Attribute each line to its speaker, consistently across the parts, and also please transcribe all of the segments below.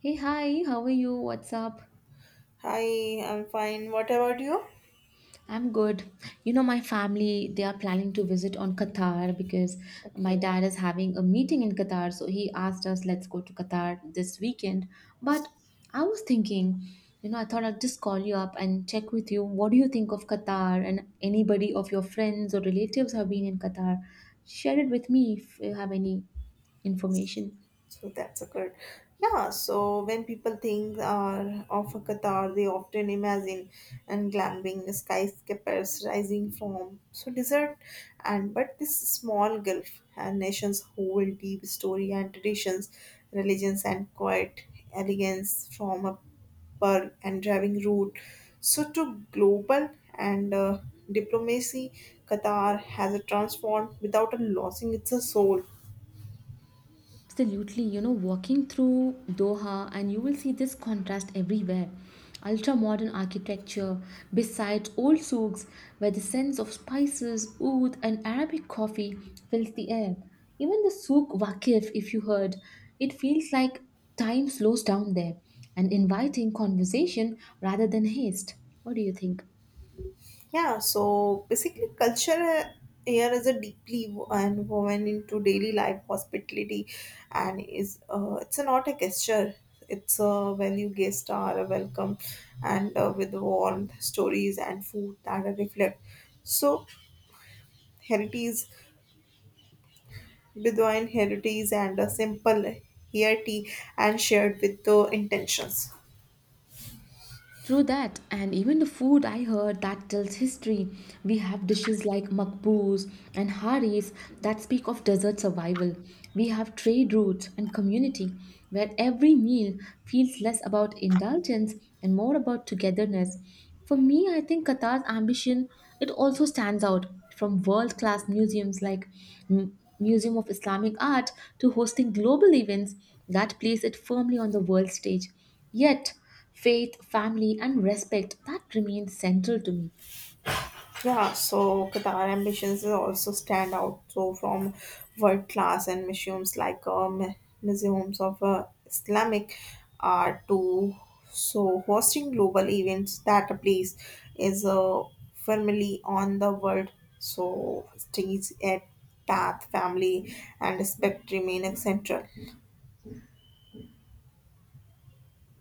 Speaker 1: Hey, hi, how are you? What's up?
Speaker 2: Hi, I'm fine. What about you?
Speaker 1: I'm good. You know, my family, they are planning to visit on Qatar because my
Speaker 2: Okay.
Speaker 1: dad is having a meeting in Qatar. So he asked us, let's go to Qatar this weekend. But I was thinking, I thought I'd just call you up and check with you. What do you think of Qatar? And anybody of your friends or relatives have been in Qatar? Share it with me if you have any information.
Speaker 2: So that's occurred. Yeah, so when people think of Qatar, they often imagine and glamping skyscrapers rising from so desert, and but this small Gulf and nations hold deep story and traditions, religions and quiet elegance from a pearl and driving route. So to global and diplomacy, Qatar has a transformed without a losing its soul.
Speaker 1: Absolutely, walking through Doha and you will see this contrast everywhere. Ultra modern architecture beside old souks where the scents of spices, oud, and Arabic coffee fills the air. Even the souk Waqif, if you heard, it feels like time slows down there and inviting conversation rather than haste. What do you think?
Speaker 2: Yeah, so basically, culture here is a deeply wo- and woven into daily life, hospitality, and is it's a, not a gesture. It's a value guest are a welcome, and with warmth, stories and food that are reflect. So heritage, Bedouin heritage, and a simple here tea and shared with the intentions.
Speaker 1: True that, and even the food I heard that tells history. We have dishes like makbous and haris that speak of desert survival. We have trade routes and community where every meal feels less about indulgence and more about togetherness. For me, I think Qatar's ambition it also stands out from world-class museums like Museum of Islamic Art to hosting global events that place it firmly on the world stage. Yet, faith, family, and respect that remains central to me.
Speaker 2: Yeah, so Qatar ambitions is also stand out so from world class and museums like museums of Islamic art to so hosting global events that place is firmly on the world so stays at path family and respect remain central.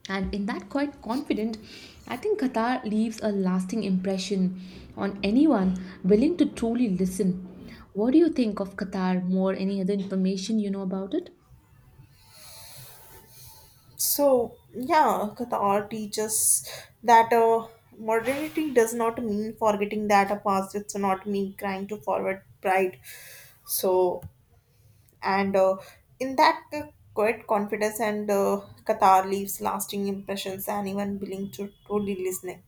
Speaker 1: And in that quite confident, I think Qatar leaves a lasting impression on anyone willing to truly listen. What do you think of Qatar? More any other information you know about it?
Speaker 2: So, yeah, Qatar teaches that modernity does not mean forgetting that a past, it's not mean crying to forward pride. So, and in that quiet confidence, and Qatar leaves lasting impressions, and even willing to truly listening.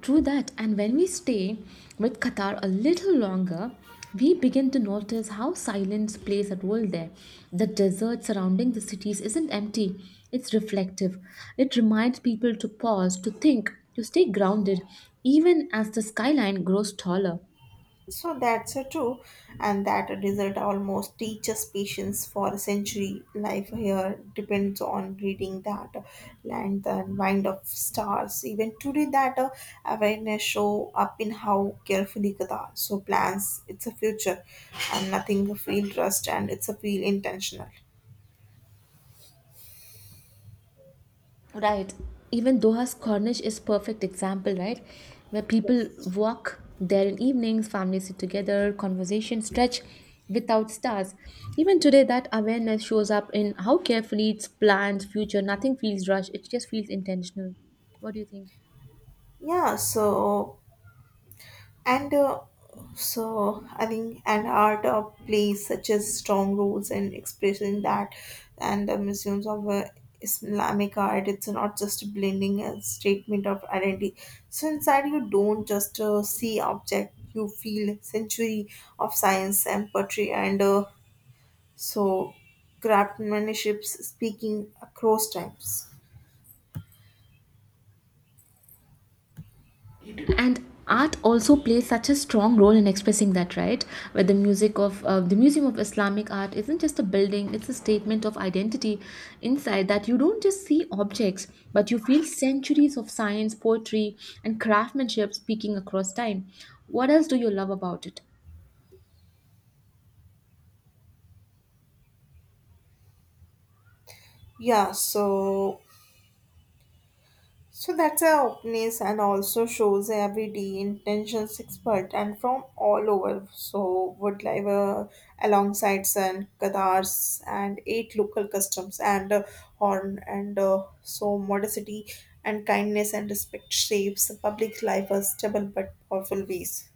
Speaker 1: True that, and when we stay with Qatar a little longer, we begin to notice how silence plays a role there. The desert surrounding the cities isn't empty, it's reflective. It reminds people to pause, to think, to stay grounded, even as the skyline grows taller.
Speaker 2: So that's true, and that result almost teaches patience for a century. Life here depends on reading that land, the mind of stars. Even today, that awareness show up in how carefully Gada so plans its a future, and nothing feel trust and it's a feel intentional.
Speaker 1: Right. Even Doha's Corniche is perfect example, right? Where people walk there in evenings, families sit together, conversation stretch without stars. Even today, that awareness shows up in how carefully it's planned, future. Nothing feels rushed. It just feels intentional. What do you think?
Speaker 2: Yeah, so and so I think and art plays such as strong roles in expressing that, and the museums of Islamic art. It's not just blending a statement of identity. So inside you don't just see object, you feel century of science and poetry, and so craftsmanship speaking across times.
Speaker 1: And art also plays such a strong role in expressing that, right? Where the music of the museum of Islamic art isn't just a building, it's a statement of identity. Inside that you don't just see objects, but you feel centuries of science, poetry, and craftsmanship speaking across time. What else do you love about it?
Speaker 2: Yeah. So so that's a openness and also shows everyday intentions expert and from all over. So would live alongside Sun, Qatars and eight local customs and horn and so modesty and kindness and respect shapes public life as stable but powerful ways.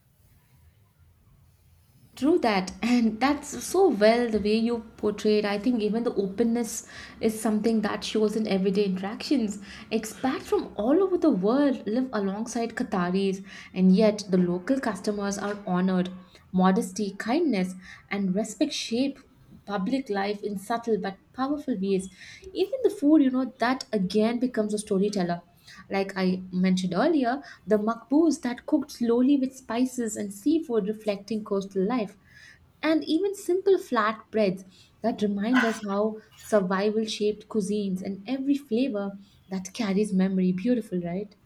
Speaker 1: True that, and that's so well the way you portrayed. I think even the openness is something that shows in everyday interactions. Expats from all over the world live alongside Qataris, and yet the local customers are honored. Modesty, kindness, and respect shape public life in subtle but powerful ways. Even the food, you know, that again becomes a storyteller. Like I mentioned earlier, the makbous that cooked slowly with spices and seafood reflecting coastal life, and even simple flat breads that remind us how survival shaped cuisines and every flavor that carries memory. Beautiful, right?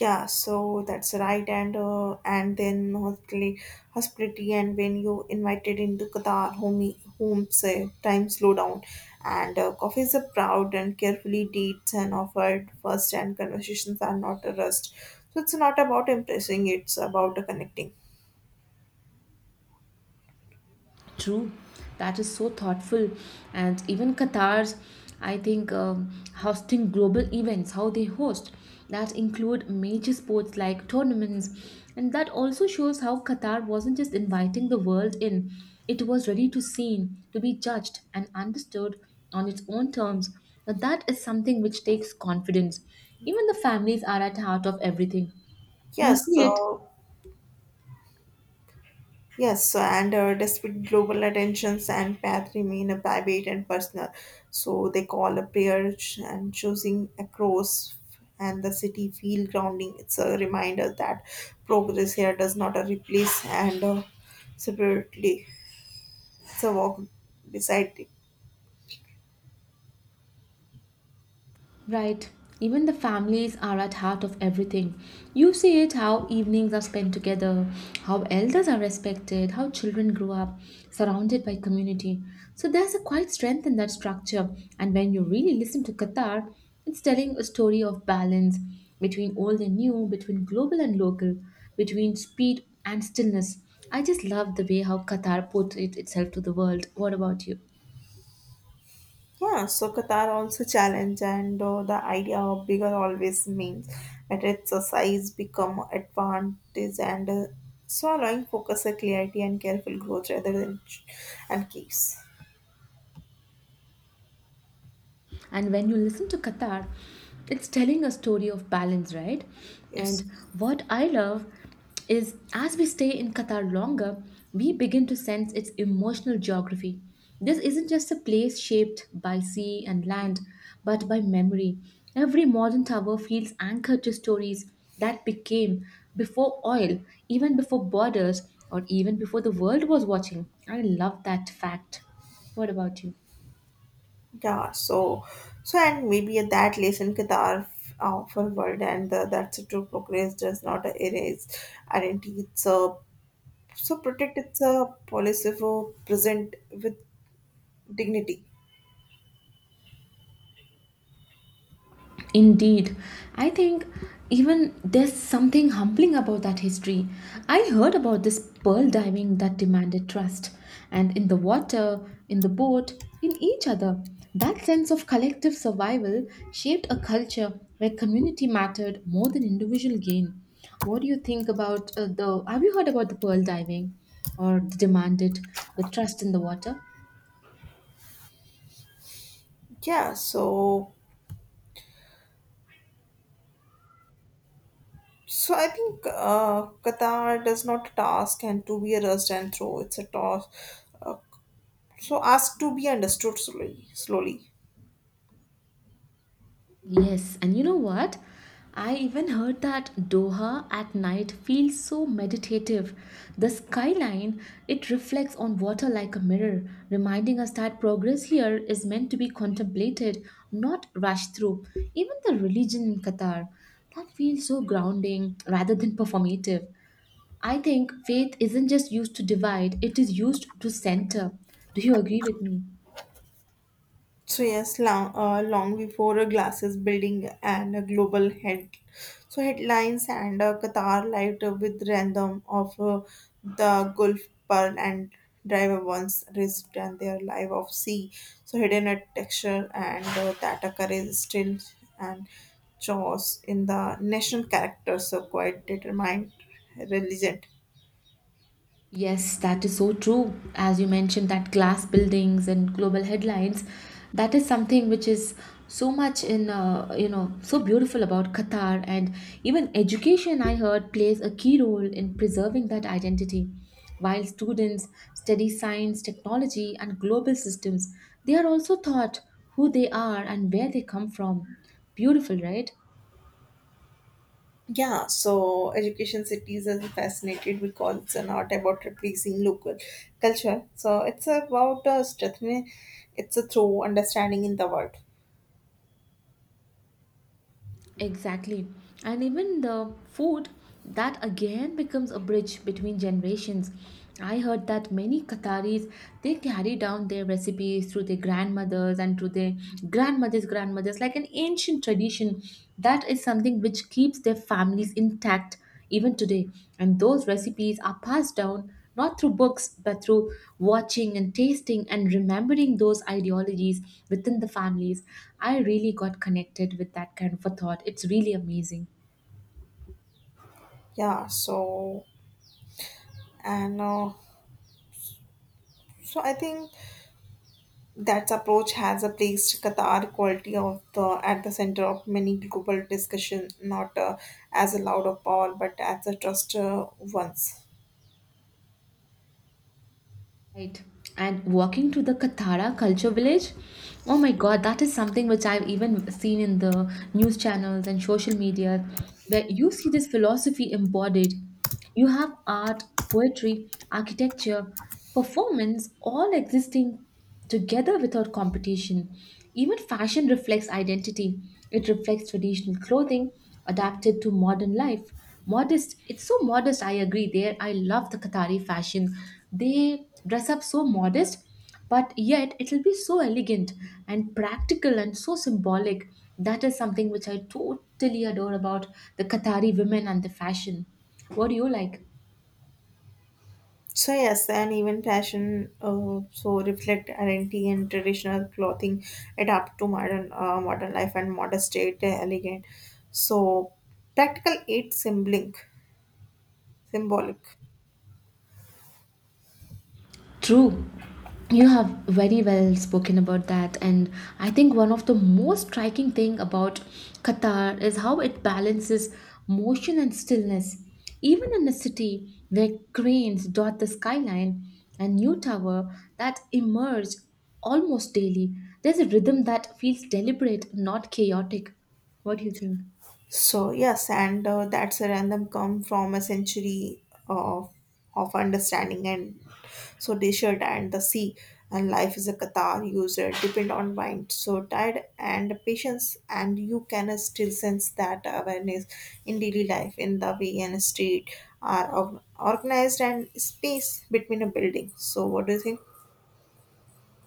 Speaker 2: Yeah, so that's right, and then hospitality, and when you invited into Qatar, home say time slow down, and coffee is a proud and carefully dates and offered first, and conversations are not a rust. So it's not about impressing; it's about connecting.
Speaker 1: True, that is so thoughtful. And even Qatar's, I think, hosting global events, how they host, that include major sports like tournaments. And that also shows how Qatar wasn't just inviting the world in, it was ready to seen, to be judged, and understood on its own terms. Now, that is something which takes confidence. Even the families are at heart of everything. You
Speaker 2: Yes,
Speaker 1: see it.
Speaker 2: so yes, and despite global attentions and path remain a private and personal. So they call a prayer ch- and choosing across and the city feel grounding. It's a reminder that progress here does not replace and separately. It's a walk beside.
Speaker 1: Right. Even the families are at heart of everything. You see it how evenings are spent together, how elders are respected, how children grow up surrounded by community. So there's a quite strength in that structure. And when you really listen to Qatar, it's telling a story of balance between old and new, between global and local, between speed and stillness. I just love the way how Qatar put it itself to the world. What about you?
Speaker 2: Yeah, so Qatar also challenge, and the idea of bigger always means that its size become advantage and so allowing focus, clarity, and careful growth rather than ch- and keeps.
Speaker 1: And when you listen to Qatar, it's telling a story of balance, right?
Speaker 2: Yes,
Speaker 1: And what I love is as we stay in Qatar longer, we begin to sense its emotional geography. This isn't just a place shaped by sea and land, but by memory. Every modern tower feels anchored to stories that became before oil, even before borders, or even before the world was watching. I love that fact. What about you?
Speaker 2: yeah. So, so and maybe at that lesson Qatar for world and that's a true progress does not erase identity. It's so protect its policy for present with dignity.
Speaker 1: Indeed, I think even there's something humbling about that history. I heard about this pearl diving that demanded trust, and in the water, in the boat, in each other. That sense of collective survival shaped a culture where community mattered more than individual gain. What do you think about the? Have you heard about the pearl diving or the demanded the trust in the water?
Speaker 2: Yeah, so so I think Qatar does not task and to be a rust and throw. It's a toss. Uh, so ask to be understood slowly.
Speaker 1: Yes, and you know what? I even heard that Doha at night feels so meditative. The skyline, it reflects on water like a mirror, reminding us that progress here is meant to be contemplated, not rushed through. Even the religion in Qatar, that feels so grounding rather than performative. I think faith isn't just used to divide, it is used to center. Do you agree with me?
Speaker 2: So yes, long, long before a glasses building and a global head, so headlines and Qatar light with random of the Gulf Pearl and driver once risked and their life of sea. So hidden a texture and that occurs still and chores in the national character. So quite determined, religion.
Speaker 1: Yes, that is so true. As you mentioned, that glass buildings and global headlines, that is something which is so much in, so beautiful about Qatar. And even education, I heard, plays a key role in preserving that identity. While students study science, technology, and global systems, they are also taught who they are and where they come from. Beautiful, right?
Speaker 2: Yeah, so Education Cities is fascinated because it's not about replacing local culture. So it's about strengthening it's a through understanding in the world.
Speaker 1: Exactly. And even the food, that again becomes a bridge between generations. I heard that many Qataris they carry down their recipes through their grandmothers and through their grandmothers' grandmothers, like an ancient tradition. That is something which keeps their families intact even today. And those recipes are passed down not through books but through watching and tasting and remembering those ideologies within the families. I really got connected with that kind of a thought. It's really amazing.
Speaker 2: Yeah, so and so I think that approach has a placed Qatar quality of the at the center of many global discussion, not as a loud of power, but as a trust ones.
Speaker 1: Right. And walking to the Kathara culture village, oh my god, that is something which I've even seen in the news channels and social media, where you see this philosophy embodied. You have art, poetry, architecture, performance, all existing together without competition. Even fashion reflects identity. It reflects traditional clothing adapted to modern life. Modest, it's so modest, I agree. There, I love the Qatari fashion. They dress up so modest, but yet it'll be so elegant and practical and so symbolic. That is something which I totally adore about the Qatari women and the fashion. What do you like?
Speaker 2: So yes, and even fashion so reflect identity and traditional clothing adapt to modern modern life and modern state elegant. So practical aid symbolic.
Speaker 1: True. You have very well spoken about that and I think one of the most striking thing about Qatar is how it balances motion and stillness. Even in a city where cranes dot the skyline and new tower that emerge almost daily, there's a rhythm that feels deliberate, not chaotic. What do you think?
Speaker 2: So yes, and that's a random come from a century of understanding and so desert and the sea and life is a qatar user depend on mind so tired and patience and you can still sense that awareness in daily life in the way and street are organized and space between a building, so what do you think?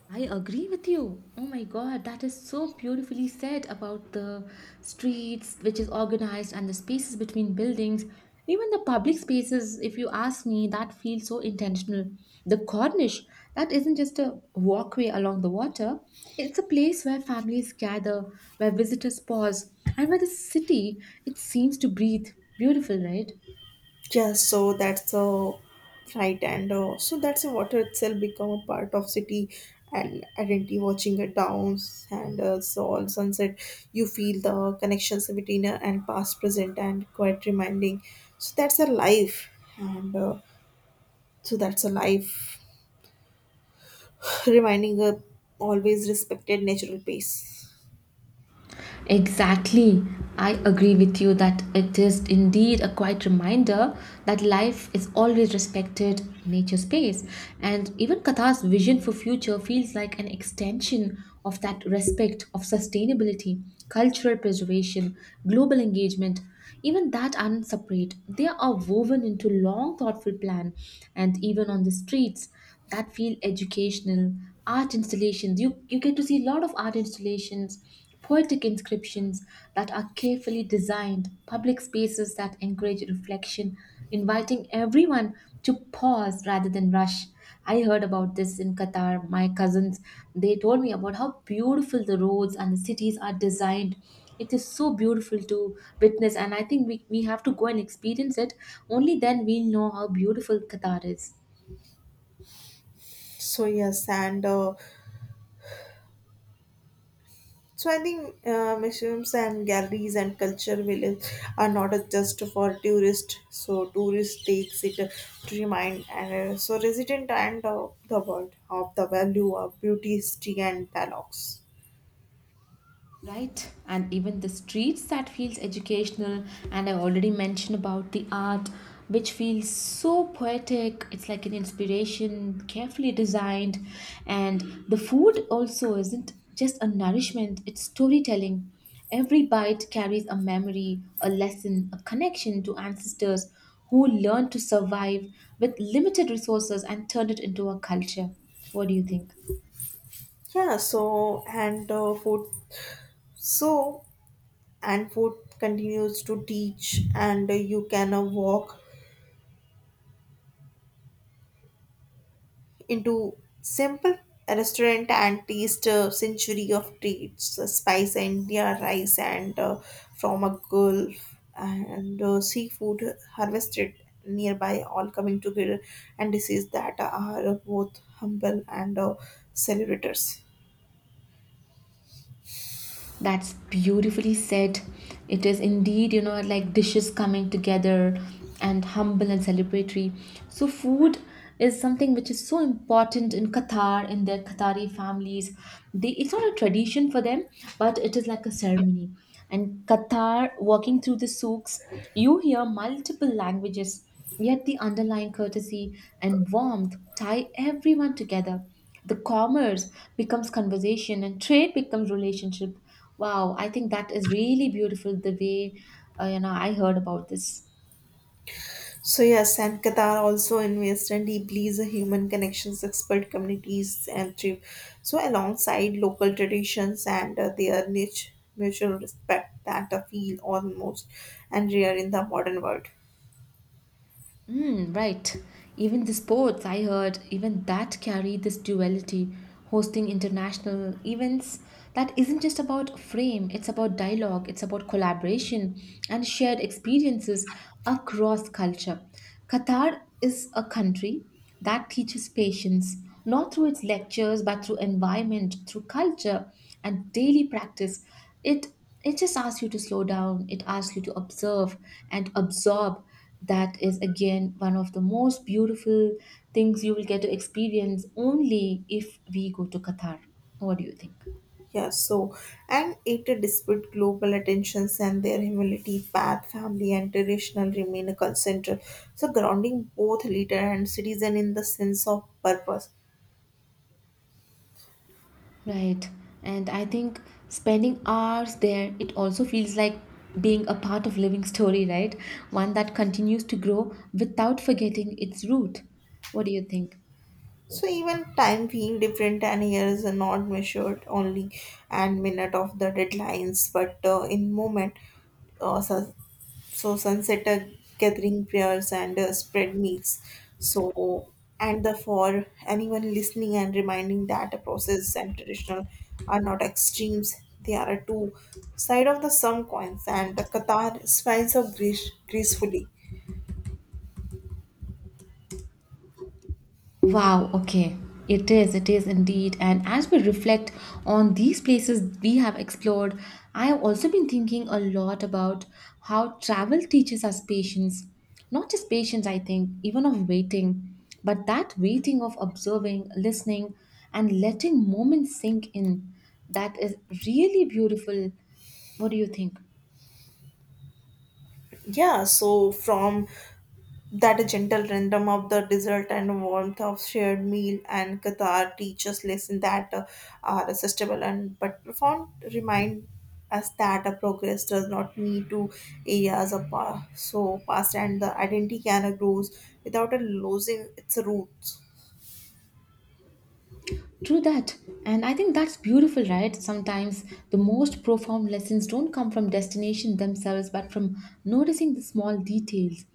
Speaker 1: I agree with you. Oh my God, that is so beautifully said about the streets, which is organized, and the spaces between buildings. Even the public spaces, if you ask me, that feels so intentional. The Cornish, that isn't just a walkway along the water, it's a place where families gather, where visitors pause, and where the city, it seems to breathe. Beautiful, right?
Speaker 2: Yeah, so that's a right, and so that's water itself become a part of city and identity. Watching it downs and so all sunset, you feel the connections between and past, present, and quite reminding. So that's a life, and so that's a life reminding a always respected natural pace.
Speaker 1: Exactly. I agree with you that it is indeed a quiet reminder that life is always respected nature space and even Katha's vision for future feels like an extension of that respect of sustainability, cultural preservation, global engagement, even that aren't separate. They are woven into long thoughtful plan and even on the streets that feel educational, art installations. You get to see a lot of art installations, poetic inscriptions that are carefully designed, public spaces that encourage reflection, inviting everyone to pause rather than rush. I heard about this in Qatar. My cousins, they told me about how beautiful the roads and the cities are designed. It is so beautiful to witness, and I think we have to go and experience it. Only then we'll know how beautiful Qatar is.
Speaker 2: So yes, and so I think museums and galleries and culture villages are not just for tourists. So tourist takes it to remind and so resident and the world of the value of beauty, history and dialogues.
Speaker 1: Right, and even the streets that feels educational, and I already mentioned about the art, which feels so poetic. It's like an inspiration, carefully designed. And the food also isn't just a nourishment, it's storytelling. Every bite carries a memory, a lesson, a connection to ancestors who learned to survive with limited resources and turned it into a culture. What do you think?
Speaker 2: Yeah. So and food. So and food continues to teach and you can walk into simple restaurant and taste a century of treats, spice India rice and from a gulf and seafood harvested nearby all coming together and dishes that are both humble and celebrators.
Speaker 1: That's beautifully said. It is indeed, you know, like dishes coming together and humble and celebratory. So, food is something which is so important in Qatar, in their Qatari families. They, it's not a tradition for them, but it is like a ceremony. And Qatar, walking through the souks, you hear multiple languages, yet the underlying courtesy and warmth tie everyone together. The commerce becomes conversation and trade becomes relationship. Wow, I think that is really beautiful the way I heard about this.
Speaker 2: So yes, and Qatar also invests and deeply is a human connections, expert communities, and thrift. So alongside local traditions and their niche mutual respect that I feel almost and rare in the modern world.
Speaker 1: Mm, right. Even the sports, I heard, even that carry this duality, hosting international events that isn't just about frame, it's about dialogue, it's about collaboration and shared experiences across culture. Qatar is a country that teaches patience, not through its lectures, but through environment, through culture and daily practice. It it just asks you to slow down, it asks you to observe and absorb. That is again one of the most beautiful things you will get to experience only if we go to Qatar. What do you think?
Speaker 2: Yeah, so and it dispute global attentions and their humility, path, family, and traditional remain a concern. So grounding both leader and citizen in the sense of purpose.
Speaker 1: Right. And I think spending hours there, it also feels like being a part of living story, right? One that continues to grow without forgetting its root. What do you think?
Speaker 2: So even time being different and years are not measured only and minute of the deadlines, but in moment. So, so sunset gathering prayers and spread meals. So and the for anyone listening and reminding that a process and traditional are not extremes. They are a two side of the sum coins and the Qatar smiles of grace gracefully.
Speaker 1: Wow, okay. It is indeed. And as we reflect on these places we have explored, I have also been thinking a lot about how travel teaches us patience. Not just patience, I think, even of waiting, but that waiting of observing, listening, and letting moments sink in. That is really beautiful. What do you think?
Speaker 2: Yeah, so from that gentle rhythm of the desert and warmth of shared meal and Qatar teaches lessons that are accessible and but profound remind us that a progress does not need to areas of so past and the identity can grows without it losing its roots.
Speaker 1: True that. And I think that's beautiful, right? Sometimes the most profound lessons don't come from destination themselves, but from noticing the small details.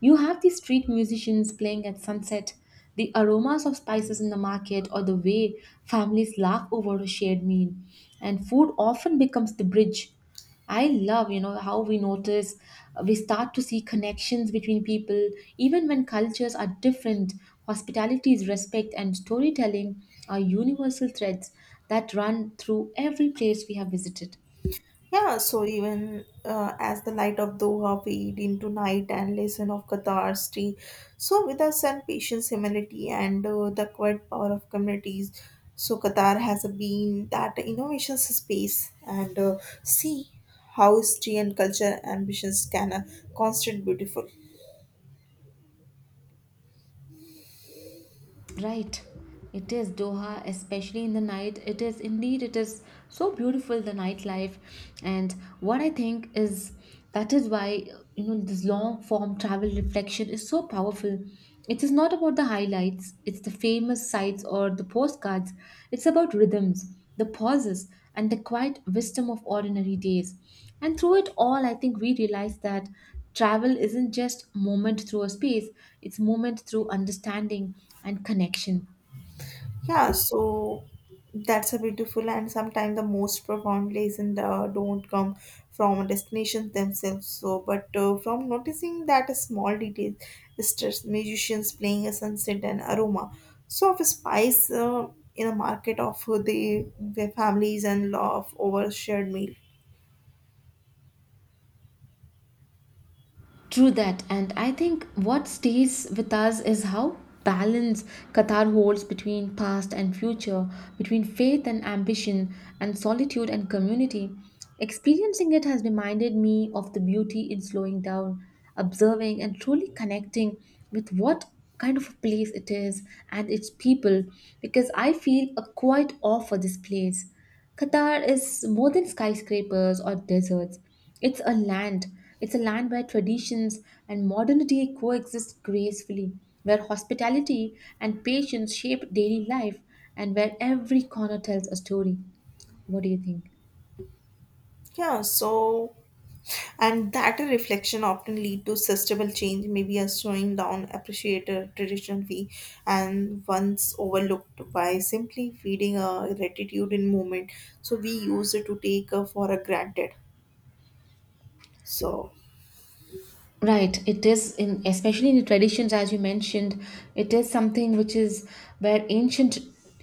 Speaker 1: You have these street musicians playing at sunset, the aromas of spices in the market, or the way families laugh over a shared meal. And food often becomes the bridge. I love, you know, how we notice, we start to see connections between people, even when cultures are different. Hospitality is respect, and storytelling are universal threads that run through every place we have visited.
Speaker 2: Yeah, so even as the light of Doha fade into night and lesson of Qatar's tea, so with us and patience, humility, and the quiet power of communities, so Qatar has been that innovation space and see how history and culture ambitions can constant beautiful.
Speaker 1: Right. It is Doha, especially in the night. It is indeed, it is so beautiful, the nightlife. And what I think is that is why, you know, this long form travel reflection is so powerful. It is not about the highlights, it's the famous sites or the postcards. It's about rhythms, the pauses, and the quiet wisdom of ordinary days. And through it all, I think we realize that travel isn't just movement through a space, it's movement through understanding and connection.
Speaker 2: Yeah, so that's a beautiful and sometimes the most profound lesson don't come from destinations themselves. So, but from noticing that a small detail, stress, musicians playing a sunset and aroma, so of spice in a market of the their families and love over shared meal.
Speaker 1: True that, and I think what stays with us is how balance Qatar holds between past and future, between faith and ambition, and solitude and community. Experiencing it has reminded me of the beauty in slowing down, observing, and truly connecting with what kind of a place it is and its people, because I feel a quiet awe for this place. Qatar is more than skyscrapers or deserts. It's a land. It's a land where traditions and modernity coexist gracefully, where hospitality and patience shape daily life, and where every corner tells a story. What do you think?
Speaker 2: Yeah, so and that a reflection often lead to sustainable change maybe a slowing down appreciated tradition we and once overlooked by simply feeding a gratitude in moment so we use it to take for a granted. So
Speaker 1: Right, it is in especially in the traditions as you mentioned, it is something which is where ancient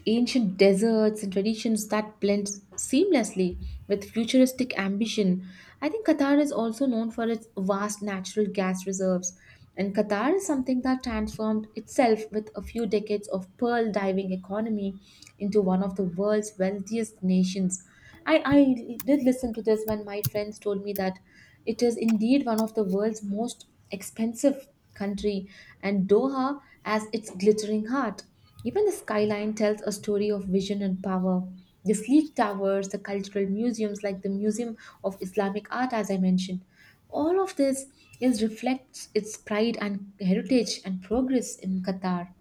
Speaker 1: ancient deserts and traditions that blend seamlessly with futuristic ambition. I think Qatar is also known for its vast natural gas reserves. And Qatar is something that transformed itself with a few decades of pearl diving economy into one of the world's wealthiest nations. I did listen to this when my friends told me that it is indeed one of the world's most expensive country and Doha has its glittering heart. Even the skyline tells a story of vision and power. The sleek towers, the cultural museums like the Museum of Islamic Art as I mentioned. All of this is reflects its pride and heritage and progress in Qatar.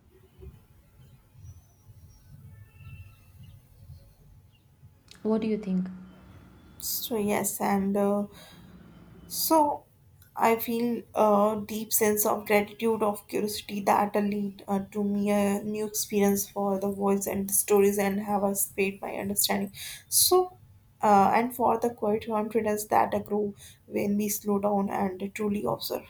Speaker 1: What do you think?
Speaker 2: so yes and so I feel a deep sense of gratitude, of curiosity that lead to me a new experience for the voice and the stories and have us paid my understanding. So, and for the quiet confidence that I grow when we slow down and truly observe.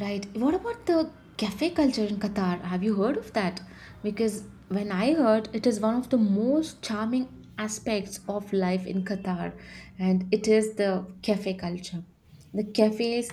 Speaker 1: Right. What about the cafe culture in Qatar? Have you heard of that? Because when I heard, it is one of the most charming aspects of life in Qatar, and it is the cafe culture. The cafes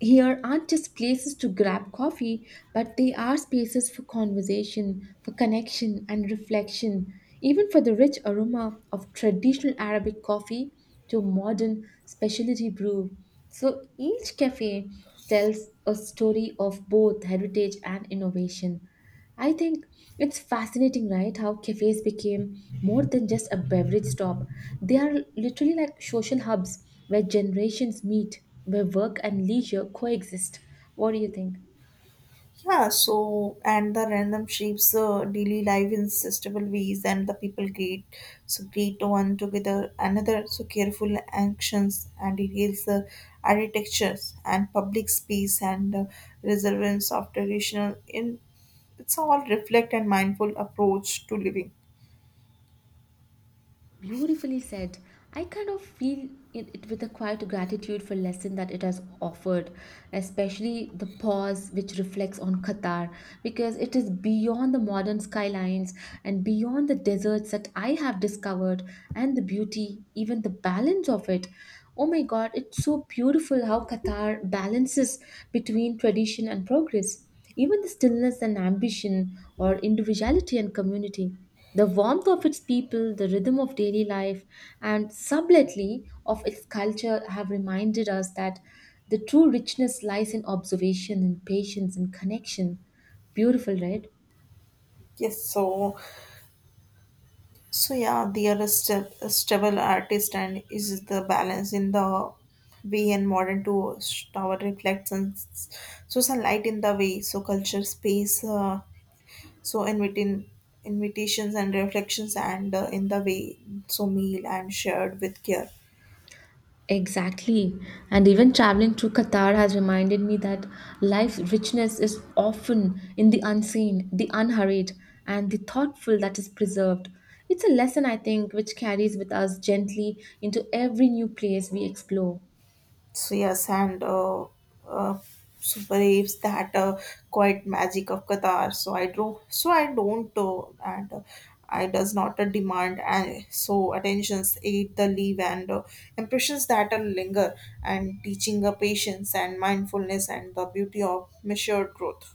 Speaker 1: here aren't just places to grab coffee, but they are spaces for conversation, for connection, and reflection. Even for the rich aroma of traditional Arabic coffee to modern specialty brew. So each cafe tells a story of both heritage and innovation. I think it's fascinating, right? How cafes became more than just a beverage stop. They are literally like social hubs where generations meet, where work and leisure coexist. What do you think?
Speaker 2: Yeah, so and the random shapes daily life in sustainable ways, and the people greet one together another. So careful actions and details the architectures and public space and reservance of traditional in it's all reflect and mindful approach to living.
Speaker 1: Beautifully said. I kind of feel it, it with a quiet gratitude for lesson that it has offered, especially the pause which reflects on Qatar, because it is beyond the modern skylines and beyond the deserts that I have discovered and the beauty, even the balance of it. Oh my God, it's so beautiful how Qatar balances between tradition and progress, even the stillness and ambition or individuality and community. The warmth of its people, the rhythm of daily life, and subtly of its culture have reminded us that the true richness lies in observation and patience and connection. Beautiful, right?
Speaker 2: Yes, so so yeah, the other step, a stable artist and is the balance in the way and modern to tower reflects and s- so sunlight in the way, so culture space, so inviting invitations and reflections and in the way, so meal and shared with care.
Speaker 1: Exactly. And even traveling through Qatar has reminded me that life's richness is often in the unseen, the unhurried, and the thoughtful that is preserved. It's a lesson, I think, which carries with us gently into every new place we explore.
Speaker 2: So yes, and uh, so that quite magic of Qatar. So I do, so I don't, and I does not demand, and so attentions aid the leave and impressions that are linger, and teaching the patience and mindfulness and the beauty of measured growth.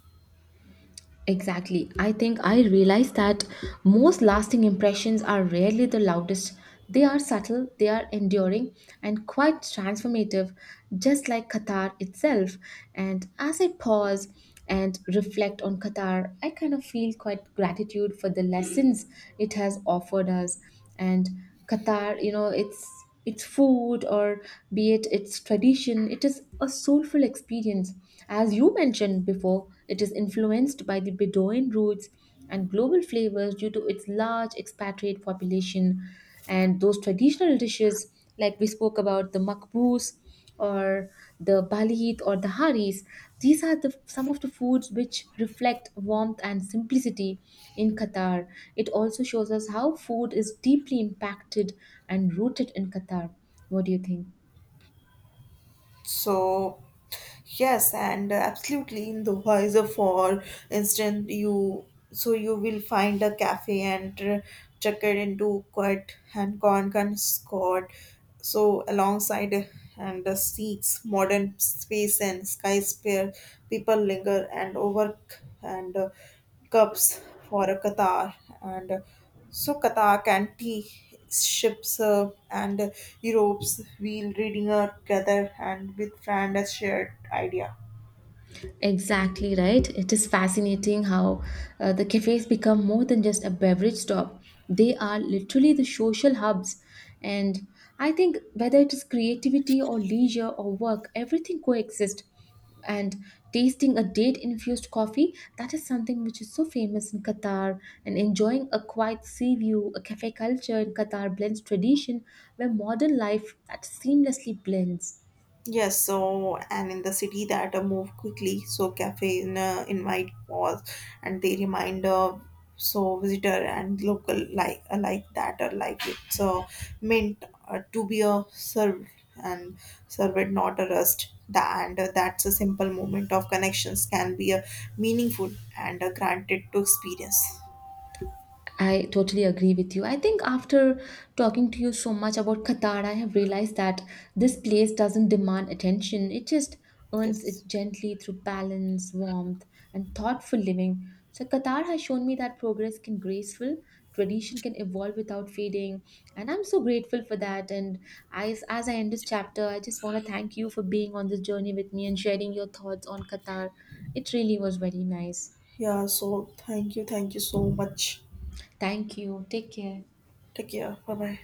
Speaker 1: Exactly. I think I realize that most lasting impressions are rarely the loudest. They are subtle, they are enduring, and quite transformative, just like Qatar itself. And as I pause and reflect on Qatar, I kind of feel quite gratitude for the lessons it has offered us. And Qatar, you know, it's its food or be it its tradition, it is a soulful experience as you mentioned before, it is influenced by the bedouin roots and global flavors due to its large expatriate population and those traditional dishes like we spoke about the makbous or the balit or the haris. These are the some of the foods which reflect warmth and simplicity in Qatar. It also shows us how food is deeply impacted and rooted in Qatar. What do you think?
Speaker 2: So, yes, and absolutely in the visor for instance, you so you will find a cafe and check it into quite and Konkan Scott. So, alongside and the seats, modern space and skyscraper, people linger and overk and cups for a Qatar and. So Katak, anti ships, and Europe's wheel reading are together and with friend as shared idea.
Speaker 1: Exactly right. It is fascinating how the cafes become more than just a beverage stop. They are literally the social hubs. And I think whether it is creativity or leisure or work, everything coexist. And tasting a date infused coffee, that is something which is so famous in Qatar. And enjoying a quiet sea view, a cafe culture in Qatar blends tradition where modern life that seamlessly blends.
Speaker 2: Yes, so and in the city that move quickly, so caffeine invite pause and they remind so visitor and local like that are like it's meant to be a served and served not a rust. That and that's a simple moment of connections can be a meaningful and granted to experience.
Speaker 1: I totally agree with you. I think after talking to you so much about Qatar, I have realized that this place doesn't demand attention. It just earns it
Speaker 2: Yes.
Speaker 1: gently through balance, warmth, and thoughtful living. So Qatar has shown me that progress can graceful, tradition can evolve without fading, and I'm so grateful for that. And as I end this chapter, I just want to thank you for being on this journey with me and sharing your thoughts on Qatar. It really was very nice.
Speaker 2: Yeah. So thank you so much.
Speaker 1: Thank you. Take care.
Speaker 2: Take care. Bye bye.